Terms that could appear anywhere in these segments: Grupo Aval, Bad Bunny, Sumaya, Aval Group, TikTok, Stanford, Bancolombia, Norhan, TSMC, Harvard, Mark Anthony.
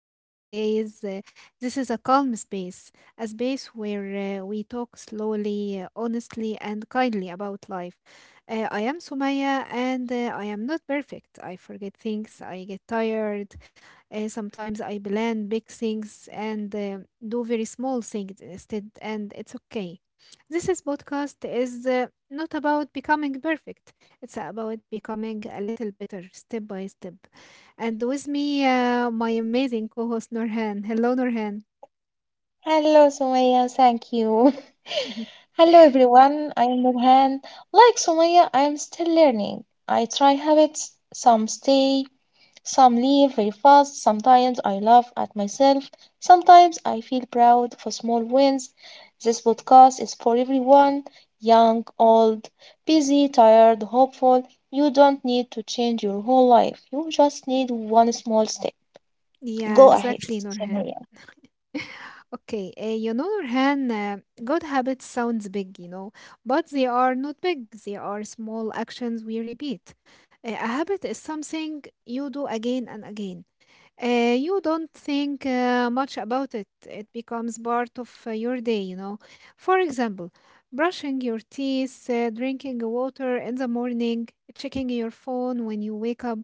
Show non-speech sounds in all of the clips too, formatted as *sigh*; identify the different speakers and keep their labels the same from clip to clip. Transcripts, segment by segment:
Speaker 1: Better Days. This is a calm space, a space where we talk slowly, honestly, and kindly about life. I am Sumaya, and I am not perfect. I forget things, I get tired. Sometimes I plan big things and do very small things instead, and it's okay. This is podcast is not about becoming perfect. It's about becoming a little better step by step. And with me, my amazing co host Norhan. Hello, Norhan.
Speaker 2: Hello, Sumaya. Thank you. *laughs*
Speaker 1: *laughs*
Speaker 2: Hello, everyone. I am Nurhan. Like Sumaya, I am still learning. I try habits. Some stay, some leave very fast. Sometimes I laugh at myself. Sometimes I feel proud for small wins. This podcast is for everyone, young, old, busy, tired, hopeful. You don't need to change your whole life. You just need one small step.
Speaker 1: Yeah,
Speaker 2: Go ahead,
Speaker 1: exactly, Norhan.
Speaker 2: Sumaya.
Speaker 1: *laughs* Okay, Nurhan, good habits sounds big, but they are not big. They are small actions we repeat. A habit is something you do again and again. You don't think much about it. It becomes part of your day. For example, brushing your teeth, drinking water in the morning, checking your phone when you wake up.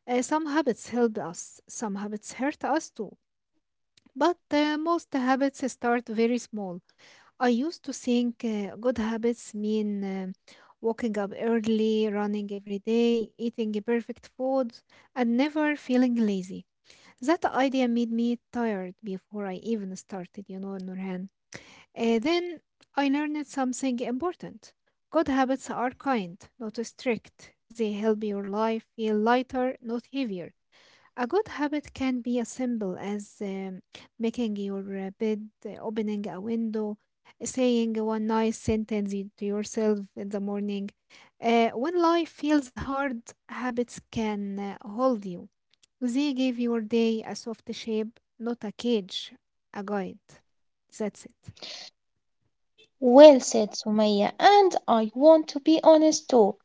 Speaker 1: Some habits help us, some habits hurt us too. But most habits start very small. I used to think good habits mean waking up early, running every day, eating perfect food, and never feeling lazy. That idea made me tired before I even started, Nurhan. Then I learned something important. Good habits are kind, not strict. They help your life feel lighter, not heavier. A good habit can be as simple as making your bed, opening a window, saying one nice sentence to yourself in the morning. When life feels hard, habits can hold you. They give your day a soft shape, not a cage, a guide. That's it.
Speaker 2: Well said, Sumaya, and I want to be honest too.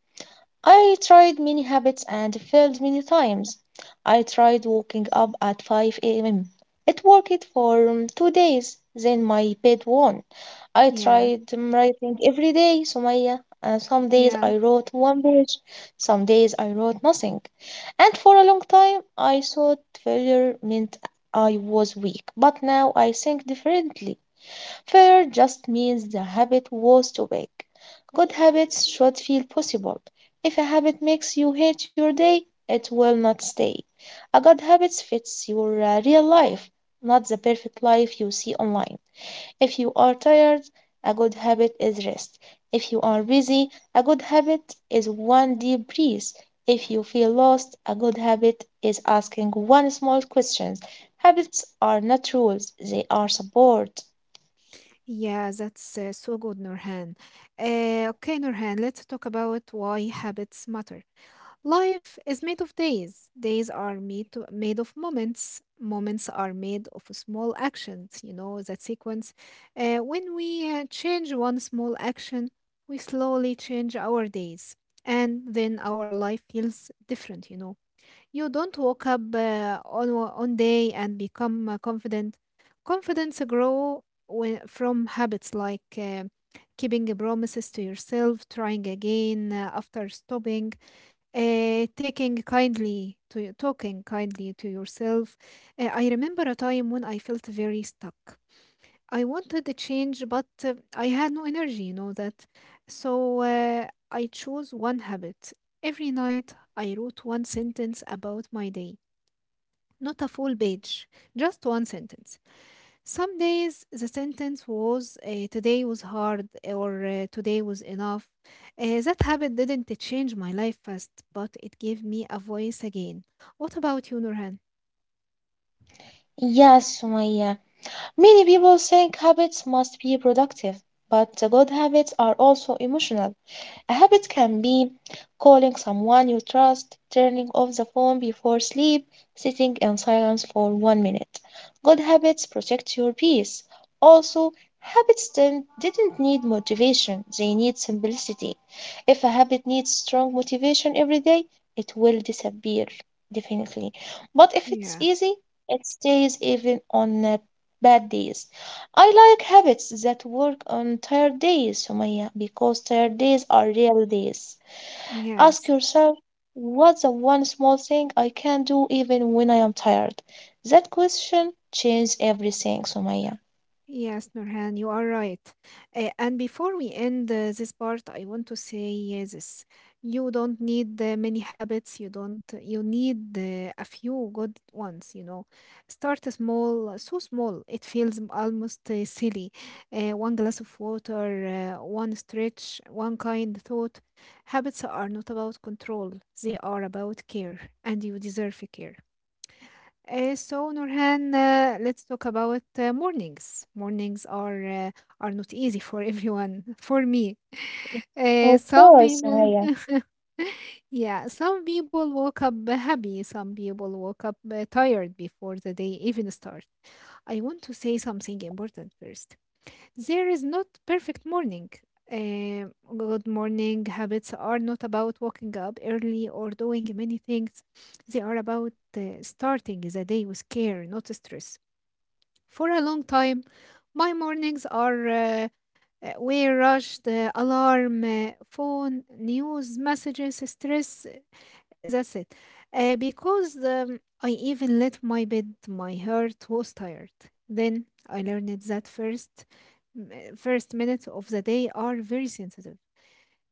Speaker 2: I tried many habits and failed many times. I tried waking up at 5 a.m. It worked for 2 days, then my bed won. I
Speaker 1: Yeah,
Speaker 2: tried writing every day, Sumaya, and some days
Speaker 1: yeah,
Speaker 2: I wrote one page, some days I wrote nothing. And for a long time, I thought failure meant I was weak, but now I think differently. Fair just means the habit was too big. Good habits should feel possible. If a habit makes you hate your day, it will not stay. A good habit fits your real life, not the perfect life you see online. If you are tired, a good habit is rest. If you are busy, a good habit is one deep breath. If you feel lost, a good habit is asking one small question. Habits are not rules, they are support.
Speaker 1: yeah, that's so good, Nurhan. Okay, Nurhan, let's talk about why habits matter. Life is made of days. Days are made of moments. Moments are made of small actions, that sequence. When we change one small action, we slowly change our days. And then our life feels different, you know. You don't wake up on day and become confident. Confidence grow from habits like keeping promises to yourself, trying again after stopping, taking kindly to talking kindly to yourself. I remember a time when I felt very stuck. I wanted the change, but I had no energy, you know that. So I chose one habit. Every night, I wrote one sentence about my day, not a full page, just one sentence. Some days, the sentence was, today was hard, or today was enough. That habit didn't change my life fast, but it gave me a voice again. What about you, Nurhan?
Speaker 2: Yes, Sumaya. Many people think habits must be productive, but the good habits are also emotional. A habit can be calling someone you trust, turning off the phone before sleep, sitting in silence for one minute. Good habits protect your peace. Also, habits didn't need motivation, they need simplicity. If a habit needs strong motivation every day, it will disappear, definitely. But if it's
Speaker 1: Yeah,
Speaker 2: easy, it stays even on bad days. I like habits that work on tired days, Sumaya, because tired days are real days. Ask
Speaker 1: yes.
Speaker 2: yourself, what's the one small thing I can do even when I am tired? That question changes everything, Sumaya.
Speaker 1: Yes, Nurhan, you are right. And before we end this part, I want to say this. You don't need many habits. You don't, You need a few good ones, you know. Start small, so small, it feels almost silly. One glass of water, one stretch, one kind thought. Habits are not about control, they are about care, and you deserve care. So Nurhan, let's talk about mornings. Mornings are not *laughs* easy for everyone. *laughs* For me, uh,
Speaker 2: Of
Speaker 1: some
Speaker 2: course,
Speaker 1: people,
Speaker 2: Sumaya.
Speaker 1: yeah, some people woke up happy. Some people woke up tired before the day even starts. I want to say something important first. There is not perfect morning. Good morning habits are not about waking up early or doing many things. They are about starting the day with care, not stress. For a long time, my mornings are We rush the alarm, phone, news, messages, stress. That's it. Because I even let my bed, my heart was tired. Then I learned that first minutes of the day are very sensitive.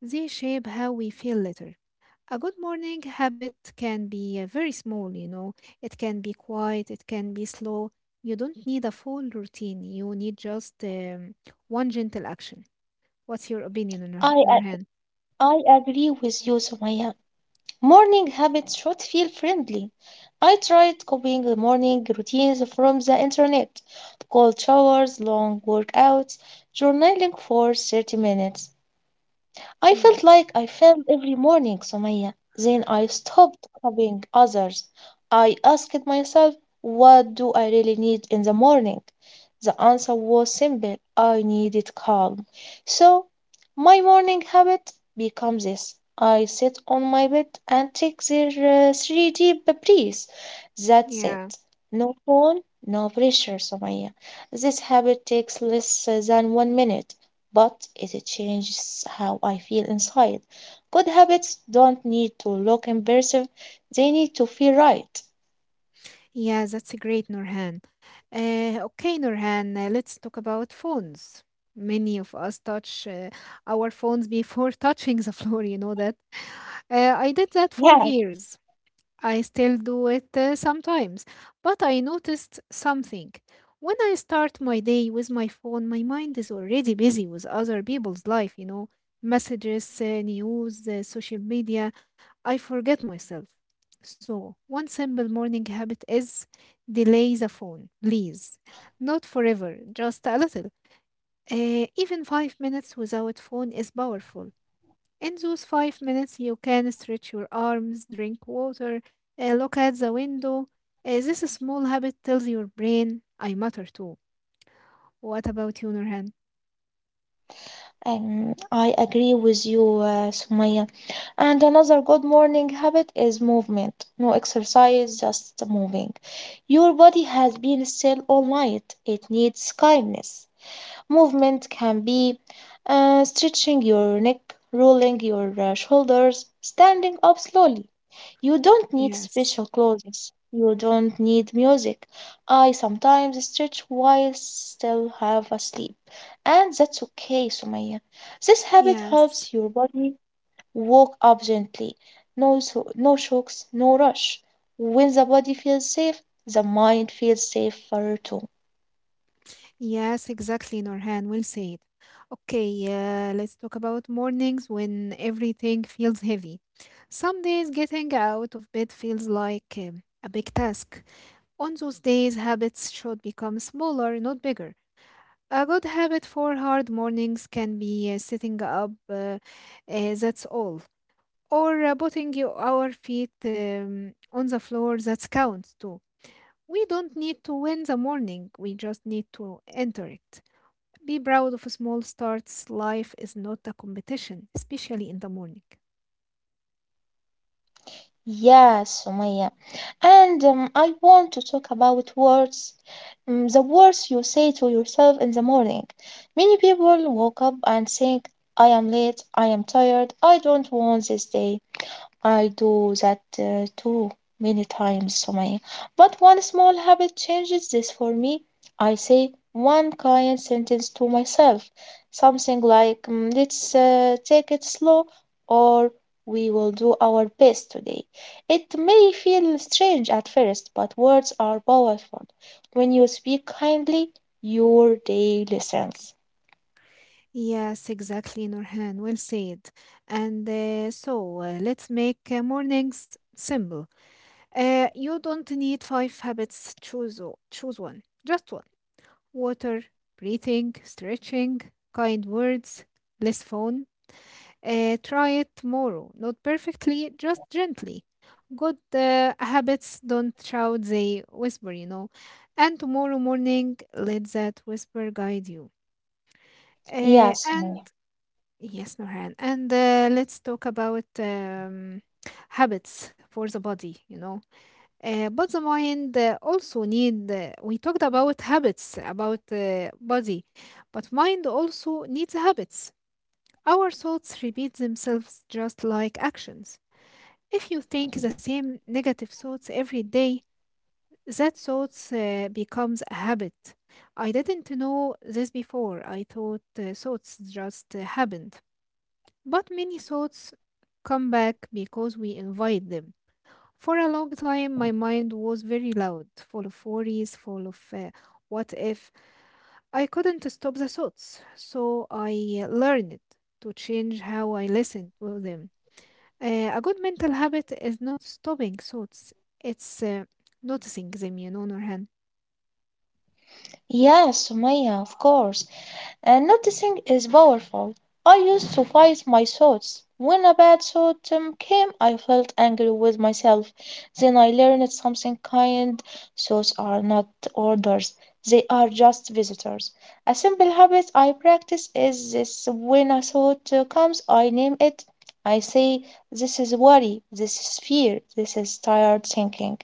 Speaker 1: They shape how we feel later. A good morning habit can be very small, you know. It can be quiet, it can be slow. You don't need a full routine. You need just one gentle action. What's your opinion,
Speaker 2: I, ag-
Speaker 1: Nurhan?
Speaker 2: I agree with you, Sumaya. Morning habits should feel friendly. I tried copying the morning routines from the internet: cold showers, long workouts, journaling for 30 minutes. I felt
Speaker 1: Yes.
Speaker 2: like I failed every morning, Sumaya. Then I stopped copying others. I asked myself, what do I really need in the morning? The answer was simple: I needed calm. So, my morning habit becomes this: I sit on my bed and take the three deep breaths. That's
Speaker 1: Yeah.
Speaker 2: it. No phone, no pressure, Somaya. This habit takes less than one minute, but it changes how I feel inside. Good habits don't need to look impressive, they need to feel right.
Speaker 1: Yeah, that's a great, Nurhan. Okay, Nurhan, let's talk about phones. Many of us touch our phones before *laughs* touching the floor, you know that. I did that for
Speaker 2: Yeah.
Speaker 1: years. I still do it sometimes, but I noticed something. When I start my day with my phone, my mind is already busy with other people's life, you know, messages, news, social media. I forget myself. So, one simple morning habit is delay the phone, please. Not forever, just a little. Even 5 minutes without phone is powerful. In those 5 minutes, you can stretch your arms, drink water, look at the window. This small habit tells your brain, I matter too. What about you, Nurhan?
Speaker 2: Um, I agree with you, Sumaya. And another good morning habit is movement. No exercise, just moving. Your body has been still all night. It needs kindness. Movement can be stretching your neck, rolling your shoulders, standing up slowly. You don't need
Speaker 1: Yes,
Speaker 2: special clothes. You don't need music. I sometimes stretch while still half asleep, and that's okay, Sumaya. This habit
Speaker 1: yes,
Speaker 2: helps your body walk up gently. No, so, no shocks, no rush. When the body feels safe, the mind feels safer too.
Speaker 1: yes, exactly, Nurhan. Well said. Okay, let's talk about mornings when everything feels heavy. Some days getting out of bed feels like a big task. On those days, habits should become smaller, not bigger. A good habit for hard mornings can be sitting up, that's all. Or our feet on the floor, that counts too. We don't need to win the morning, we just need to enter it. Be proud of small starts. Life is not a competition, especially in the morning.
Speaker 2: Yes, Sumaya. And I want to talk about words. The words you say to yourself in the morning. Many people woke up and think, I am late, I am tired, I don't want this day. I do that too many times, Sumaya. But one small habit changes this for me. I say one kind sentence to myself, something like, let's take it slow," or "we will do our best today." It may feel strange at first, but words are powerful. When you speak kindly, your day listens.
Speaker 1: Yes, exactly, Norhan. Well said. And let's make mornings simple. You don't need five habits. Choose choose one, just one. Water, breathing, stretching, kind words, less phone. Try it tomorrow. Not perfectly, just gently. Good habits don't shout; they whisper. You know. And tomorrow morning, let that whisper guide you.
Speaker 2: Yes,
Speaker 1: And
Speaker 2: Sumaya.
Speaker 1: Yes, Norhan. And let's talk about habits for the body. You know but the mind also need We talked about habits about body but mind also needs habits. Our thoughts repeat themselves just like actions. If you think the same negative thoughts every day, that thoughts becomes a habit. I didn't know this before. I thought thoughts just happened, but many thoughts come back because we invite them. For a long time, my mind was very loud, full of worries, full of what if. I couldn't stop the thoughts, so I learned to change how I listen to them. A good mental habit is not stopping thoughts, it's noticing them, you know, Nurhan.
Speaker 2: Yes, Sumaya, of course. And noticing is powerful. I used to fight my thoughts. When a bad thought came, I felt angry with myself. Then I learned something kind. Thoughts are not orders, they are just visitors. A simple habit I practice is this: when a thought comes, I name it. I say, this is worry, this is fear, this is tired thinking.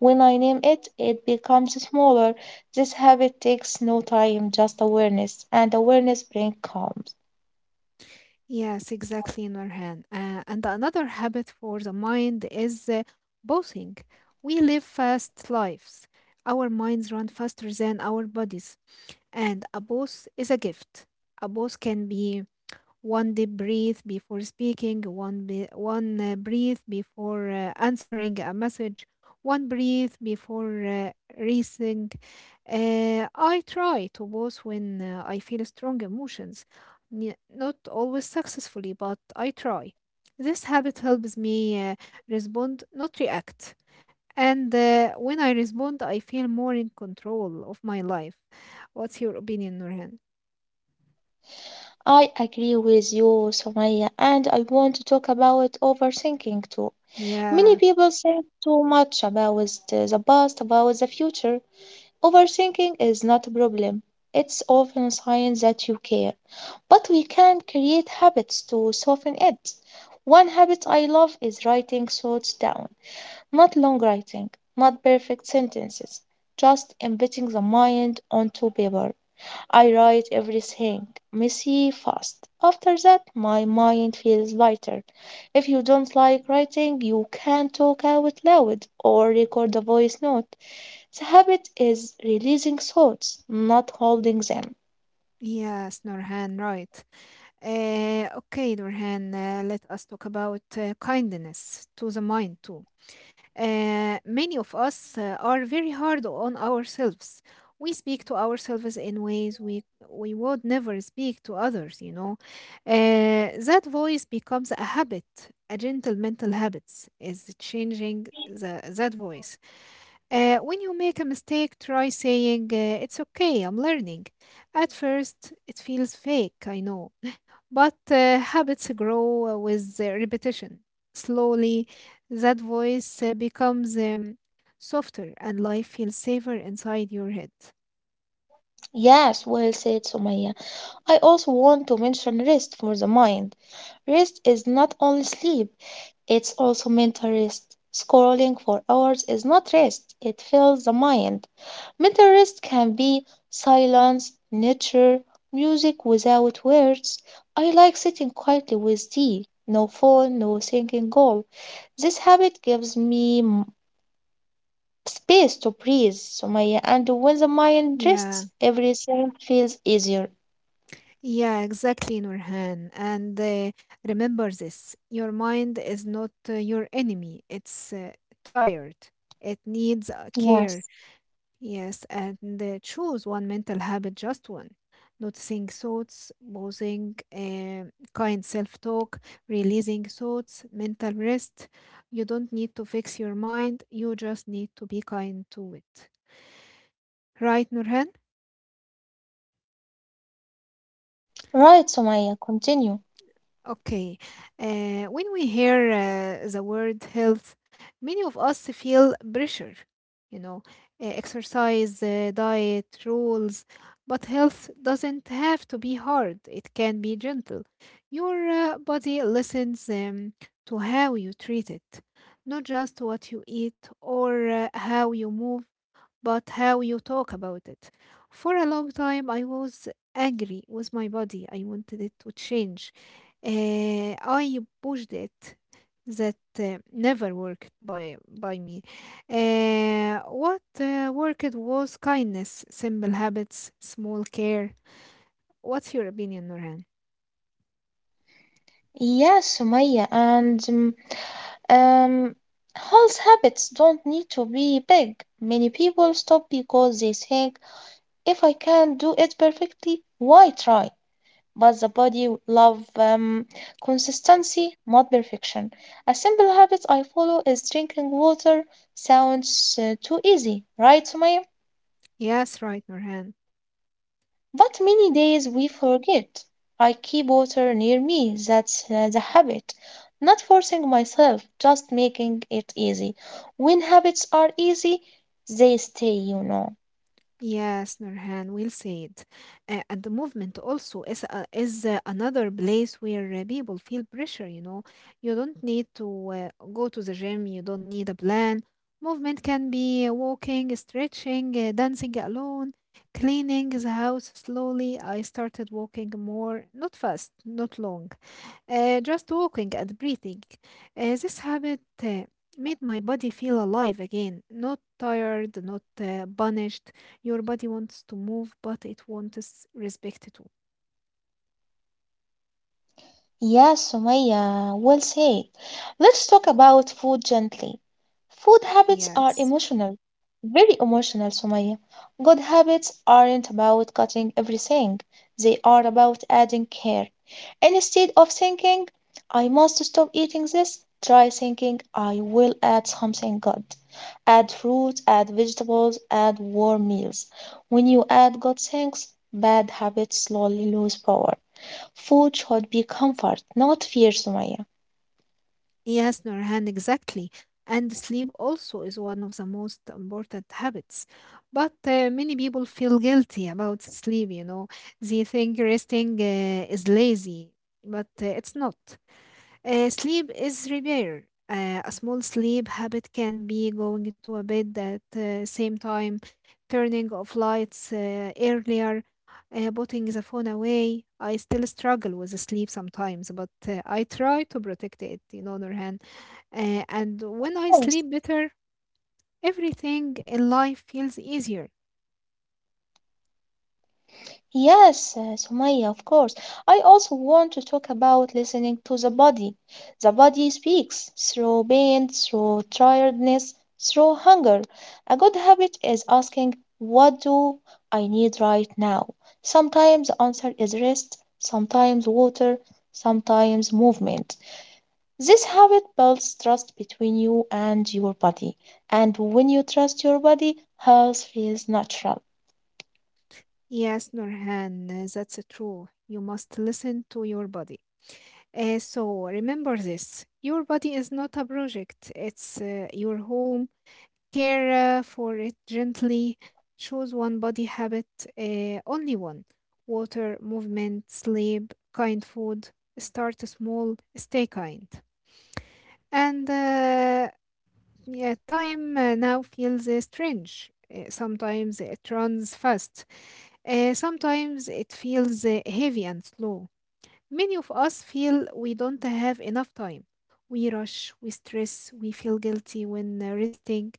Speaker 2: When I name it, it becomes smaller. This habit takes no time, just awareness, and awareness brings calm.
Speaker 1: Yes, exactly, Nurhan. And another habit for the mind is bossing. We live fast lives. Our minds run faster than our bodies. And a boss is a gift. A boss can be one deep breath before speaking, one breath before answering a message, one breath before racing. I try to pause when I feel strong emotions, not always successfully, but I try. This habit helps me respond, not react. And when I respond, I feel more in control of my life. What's your opinion, Nurhan?
Speaker 2: I agree with you, Sumaya, and I want to talk about overthinking too. Many
Speaker 1: Yeah.
Speaker 2: people think too much about the past, about the future. Overthinking is not a problem. It's often a sign that you care. But we can create habits to soften it. One habit I love is writing thoughts down. Not long writing, not perfect sentences, just embedding the mind onto paper. I write everything, messy, fast. After that, my mind feels lighter. If you don't like writing, you can talk out loud or record a voice note. The habit is releasing thoughts, not holding them.
Speaker 1: Yes, Norhan, right. Okay, Norhan, let us talk about kindness to the mind too. Many of us are very hard on ourselves. We speak to ourselves in ways we would never speak to others, you know. That voice becomes a habit. A gentle mental habits is changing that voice. When you make a mistake, try saying, it's okay, I'm learning. At first, it feels fake, I know. But habits grow with repetition. Slowly, that voice becomes softer and life feels safer inside your head.
Speaker 2: Yes, well said, Sumaya. I also want to mention rest for the mind. Rest is not only sleep, it's also mental rest. Scrolling for hours is not rest, it fills the mind. Mental rest can be silence, nature, music without words. I like sitting quietly with tea, no phone, no thinking goal. This habit gives me space to breathe, Sumaya, and when the mind
Speaker 1: Yeah,
Speaker 2: rests, everything feels easier.
Speaker 1: yeah, exactly, Nurhan. And remember this: your mind is not your enemy, it's tired, it needs care.
Speaker 2: Yes.
Speaker 1: Yes, and choose one mental habit, just one. Noticing thoughts, pausing, kind self talk, releasing thoughts, mental rest. You don't need to fix your mind, you just need to be kind to it. Right, Nurhan?
Speaker 2: Right, Sumaya, continue.
Speaker 1: Okay, when we hear the word health, many of us feel pressure, you know, exercise, diet, rules. But health doesn't have to be hard, it can be gentle. Your body listens to how you treat it, not just what you eat or how you move but how you talk about it. For a long time, I was angry with my body. I wanted it to change. I pushed it. That never worked by me. What worked was kindness, simple habits, small care. What's your opinion, Nurhan?
Speaker 2: Yes, Sumaya, and um, health habits don't need to be big. Many people stop because they think, if I can do it perfectly, why try? But the body love consistency, not perfection. A simple habit I follow is drinking water. Sounds too easy, right, Sumaya?
Speaker 1: Yes, right, Nurhan.
Speaker 2: But many days we forget. I keep water near me. That's the habit. Not forcing myself, just making it easy. When habits are easy, they stay, you know.
Speaker 1: Yes, Nurhan, we'll say it. And the movement also is another place where people feel pressure, you know. You don't need to go to the gym, you don't need a plan. Movement can be walking, stretching, dancing alone, cleaning the house slowly. I started walking more, not fast, not long. Just walking and breathing. This habit made my body feel alive again, not tired, not punished. Your body wants to move, but it wants respect too.
Speaker 2: Yes, Sumaya, well said. Let's talk about food gently. Food habits are
Speaker 1: Yes.
Speaker 2: emotional, very emotional, Sumaya. Good habits aren't about cutting everything, they are about adding care. And instead of thinking, I must stop eating this, try thinking, I will add something good. Add fruits, add vegetables, add warm meals. When you add good things, bad habits slowly lose power. Food should be comfort, not fear, Sumaya.
Speaker 1: Yes, Nurhan, exactly. And sleep also is one of the most important habits. But many people feel guilty about sleep, you know. They think resting is lazy, but it's not. Sleep is repair. A small sleep habit can be going to a bed at the same time, turning off lights earlier, putting the phone away. I still struggle with the sleep sometimes, but I try to protect it, in other hand. And when I
Speaker 2: Course.
Speaker 1: sleep better, everything in life feels easier.
Speaker 2: Yes, Sumaya, of course. I also want to talk about listening to the body. The body speaks through pain, through tiredness, through hunger. A good habit is asking, what do I need right now? Sometimes the answer is rest, sometimes water, sometimes movement. This habit builds trust between you and your body. And when you trust your body, health feels natural.
Speaker 1: Yes, Nurhan, that's true. You must listen to your body. So remember this, your body is not a project, it's your home. Care for it gently. Choose one body habit, only one: water, movement, sleep, kind food. Start small, stay kind. And yeah, time now feels strange. Sometimes it runs fast, sometimes it feels heavy and slow. Many of us feel we don't have enough time. We rush, we stress, we feel guilty when resting.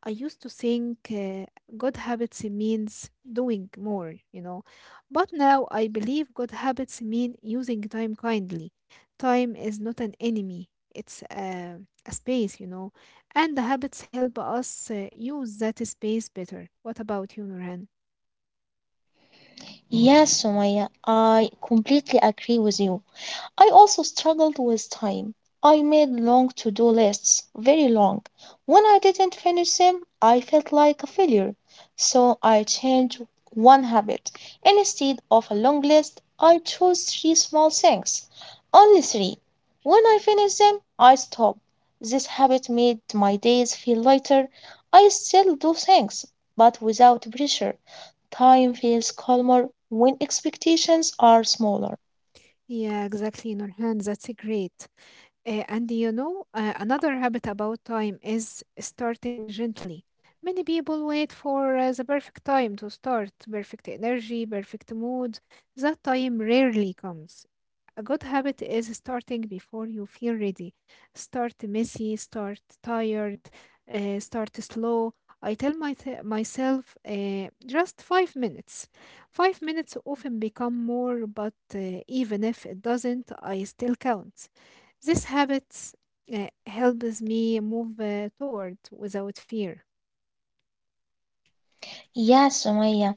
Speaker 1: I used to think good habits means doing more, you know. But now I believe good habits mean using time kindly. Time is not an enemy, it's a space, you know. And the habits help us use that space better. What about you, Nurhan?
Speaker 2: Yes, Sumaya, I completely agree with you. I also struggled with time. I made long to do lists, very long. When I didn't finish them, I felt like a failure. So I changed one habit. Instead of a long list, I chose three small things, only three. When I finished them, I stopped. This habit made my days feel lighter. I still do things, but without pressure. Time feels calmer when expectations are smaller.
Speaker 1: Yeah, exactly, Nurhan. That's a great. And you know, another habit about time is starting gently. Many people wait for the perfect time to start, perfect energy, perfect mood. That time rarely comes. A good habit is starting before you feel ready. Start messy, start tired, start slow. I tell myself just 5 minutes. 5 minutes often become more, but even if it doesn't, I still count. This habit helps me move toward without fear.
Speaker 2: Yes, Sumaya.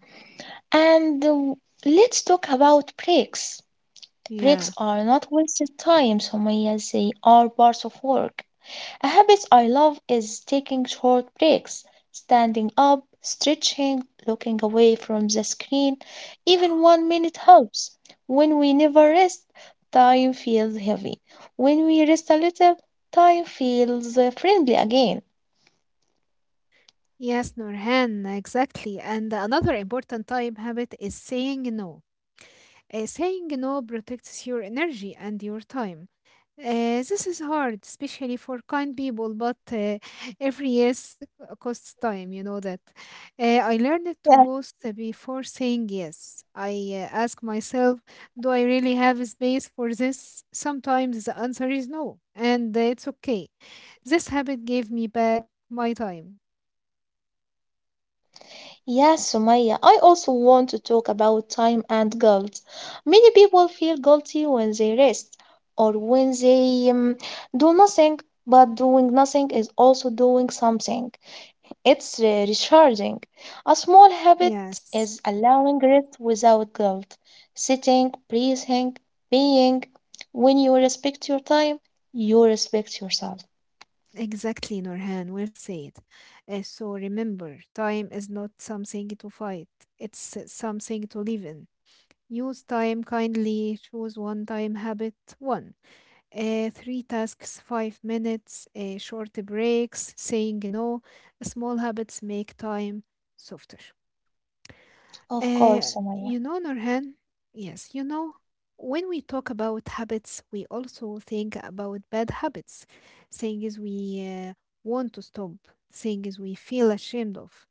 Speaker 2: And let's talk about breaks. Breaks
Speaker 1: Yeah.
Speaker 2: are not wasted time, Sumaya. They are parts of work. A habit I love is taking short breaks, standing up, stretching, looking away from the screen. Even one minute helps. When we never rest, time feels heavy. When we rest a little, time feels friendly again.
Speaker 1: Yes, Nurhan, exactly. And another important time habit is saying no. Saying no protects your energy and your time. This is hard, especially for kind people, but every yes costs time, you know that. I learned to pause before saying yes. I ask myself, do I really have space for this? Sometimes the answer is no, and it's okay. This habit gave me back my time.
Speaker 2: Yes, Sumaya, I also want to talk about time and guilt. Many people feel guilty when they rest or when they do nothing, but doing nothing is also doing something. It's recharging. A small habit
Speaker 1: Yes.
Speaker 2: is allowing rest without guilt, sitting, breathing, being. When you respect your time, you respect yourself.
Speaker 1: Exactly, Norhan, well said. So remember, time is not something to fight, it's something to live in. Use time kindly, choose one time habit, one. Three tasks, 5 minutes, short breaks, saying no. Small habits make time softer.
Speaker 2: Of course, Sumaya.
Speaker 1: You know, Nurhan, yes, you know, when we talk about habits, we also think about bad habits, things we want to stop, things we feel ashamed of.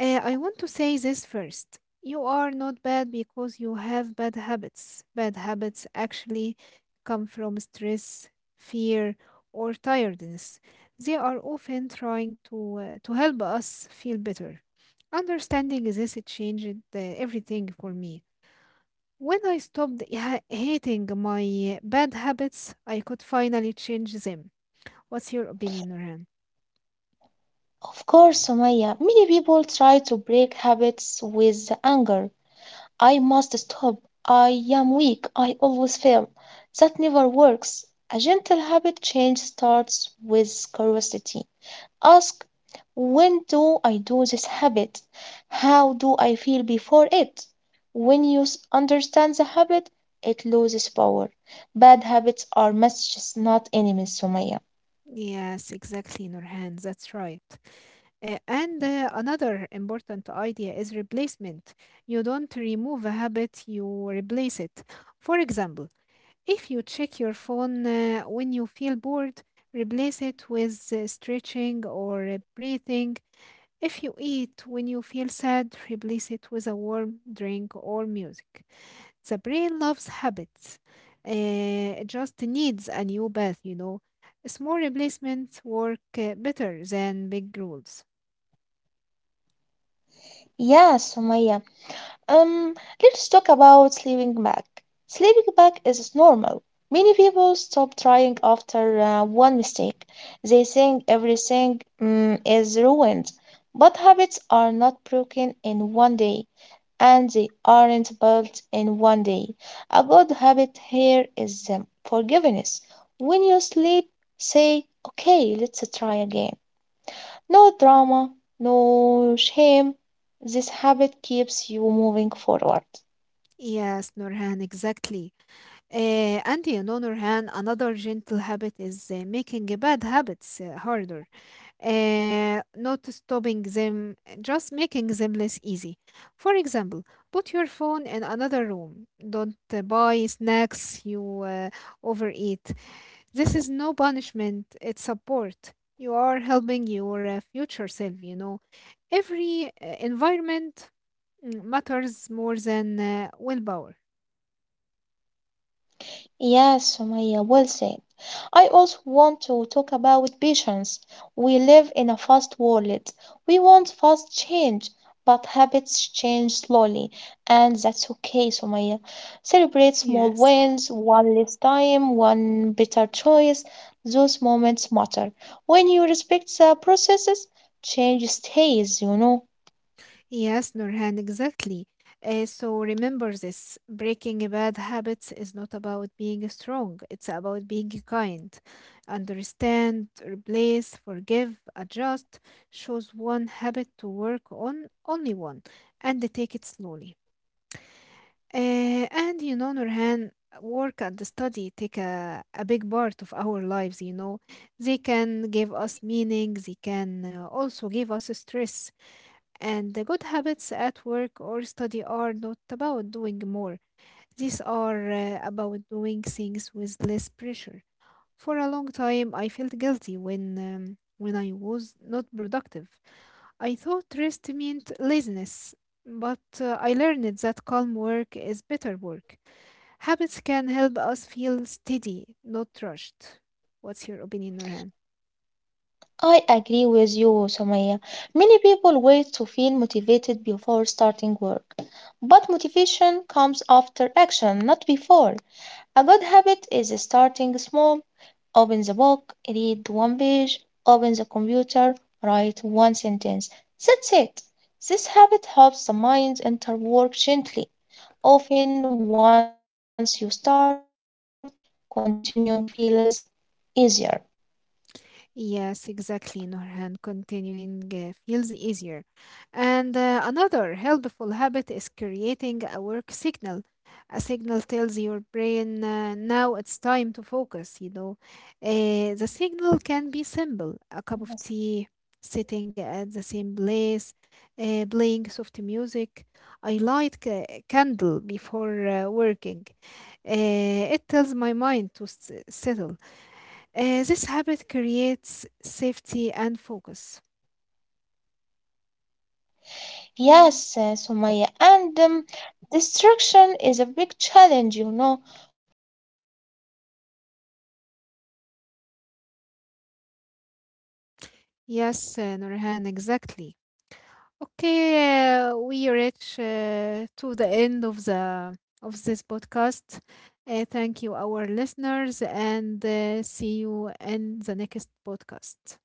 Speaker 1: I want to say this first. You are not bad because you have bad habits. Bad habits actually come from stress, fear, or tiredness. They are often trying to help us feel better. Understanding this changed everything for me. When I stopped hating my bad habits, I could finally change them. What's your opinion, Ran?
Speaker 2: Of course, Sumaya. Many people try to break habits with anger. I must stop. I am weak. I always fail. That never works. A gentle habit change starts with curiosity. Ask, when do I do this habit? How do I feel before it? When you understand the habit, it loses power. Bad habits are messages, not enemies, Sumaya.
Speaker 1: Yes, exactly, Nurhan. That's right. And another important idea is replacement. You don't remove a habit, you replace it. For example, if you check your phone when you feel bored, replace it with stretching or breathing. If you eat when you feel sad, replace it with a warm drink or music. The brain loves habits. It just needs a new bath, you know. Small replacements work better than big rules.
Speaker 2: Yeah, Sumaya. Um, let's talk about sleeping back. Sleeping back is normal. Many people stop trying after one mistake. They think everything is ruined. But habits are not broken in one day, and they aren't built in one day. A good habit here is forgiveness. When you sleep, say, okay, let's try again. No drama, no shame. This habit keeps you moving forward.
Speaker 1: Yes, Nurhan, exactly. And you know, Nurhan, another gentle habit is making bad habits harder, not stopping them, just making them less easy. For example, put your phone in another room. Don't buy snacks you overeat. This is no punishment, it's support. You are helping your future self, you know. Every environment matters more than willpower.
Speaker 2: Yes, Sumaya, well said. I also want to talk about patience. We live in a fast world. We want fast change, but habits change slowly, and that's okay, Sumaya. Celebrate small
Speaker 1: Yes.
Speaker 2: wins, one less time, one better choice. Those moments matter. When you respect the processes, change stays, you know.
Speaker 1: Yes, Nurhan, exactly. So remember this, breaking bad habits is not about being strong, it's about being kind. Understand, replace, forgive, adjust. Choose one habit to work on, only one, and take it slowly. And you know, Nurhan, work and study take a big part of our lives, you know. They can give us meaning, they can also give us stress. And the good habits at work or study are not about doing more, these are about doing things with less pressure. For a long time, I felt guilty when when I was not productive. I thought rest meant laziness, but I learned that calm work is better work. Habits can help us feel steady, not rushed. What's your opinion, Nurhan?
Speaker 2: I agree with you, Somaya. Many people wait to feel motivated before starting work. But motivation comes after action, not before. A good habit is starting small. Open the book, read one page, open the computer, write one sentence. That's it. This habit helps the mind enter work gently. Often, once you start, continuing feels easier.
Speaker 1: Yes, exactly, Norhan. Continuing feels easier. And another helpful habit is creating a work signal. A signal tells your brain now it's time to focus, you know. The signal can be simple: a cup of tea, sitting at the same place, playing soft music. I light a candle before working. It tells my mind to settle. This habit creates safety and focus. Mm.
Speaker 2: Yes, Sumaya, and distraction is a big challenge, you know. Phones, message, noise. A gentle habit is removing one distraction. Not all,
Speaker 1: Yes,
Speaker 2: just one.
Speaker 1: Nurhan, exactly.
Speaker 2: Put the phone face down,
Speaker 1: Okay,
Speaker 2: close
Speaker 1: we
Speaker 2: one extra
Speaker 1: reach
Speaker 2: tab,
Speaker 1: to
Speaker 2: sit
Speaker 1: the
Speaker 2: away
Speaker 1: end
Speaker 2: from
Speaker 1: of
Speaker 2: noise.
Speaker 1: the of
Speaker 2: Small
Speaker 1: this
Speaker 2: challenges
Speaker 1: podcast.
Speaker 2: create big
Speaker 1: Thank you,
Speaker 2: focus.
Speaker 1: our
Speaker 2: Focus
Speaker 1: listeners,
Speaker 2: grows when
Speaker 1: and
Speaker 2: the space
Speaker 1: see
Speaker 2: is
Speaker 1: you
Speaker 2: calm,
Speaker 1: in the
Speaker 2: Sumaya, you
Speaker 1: next
Speaker 2: know.
Speaker 1: podcast.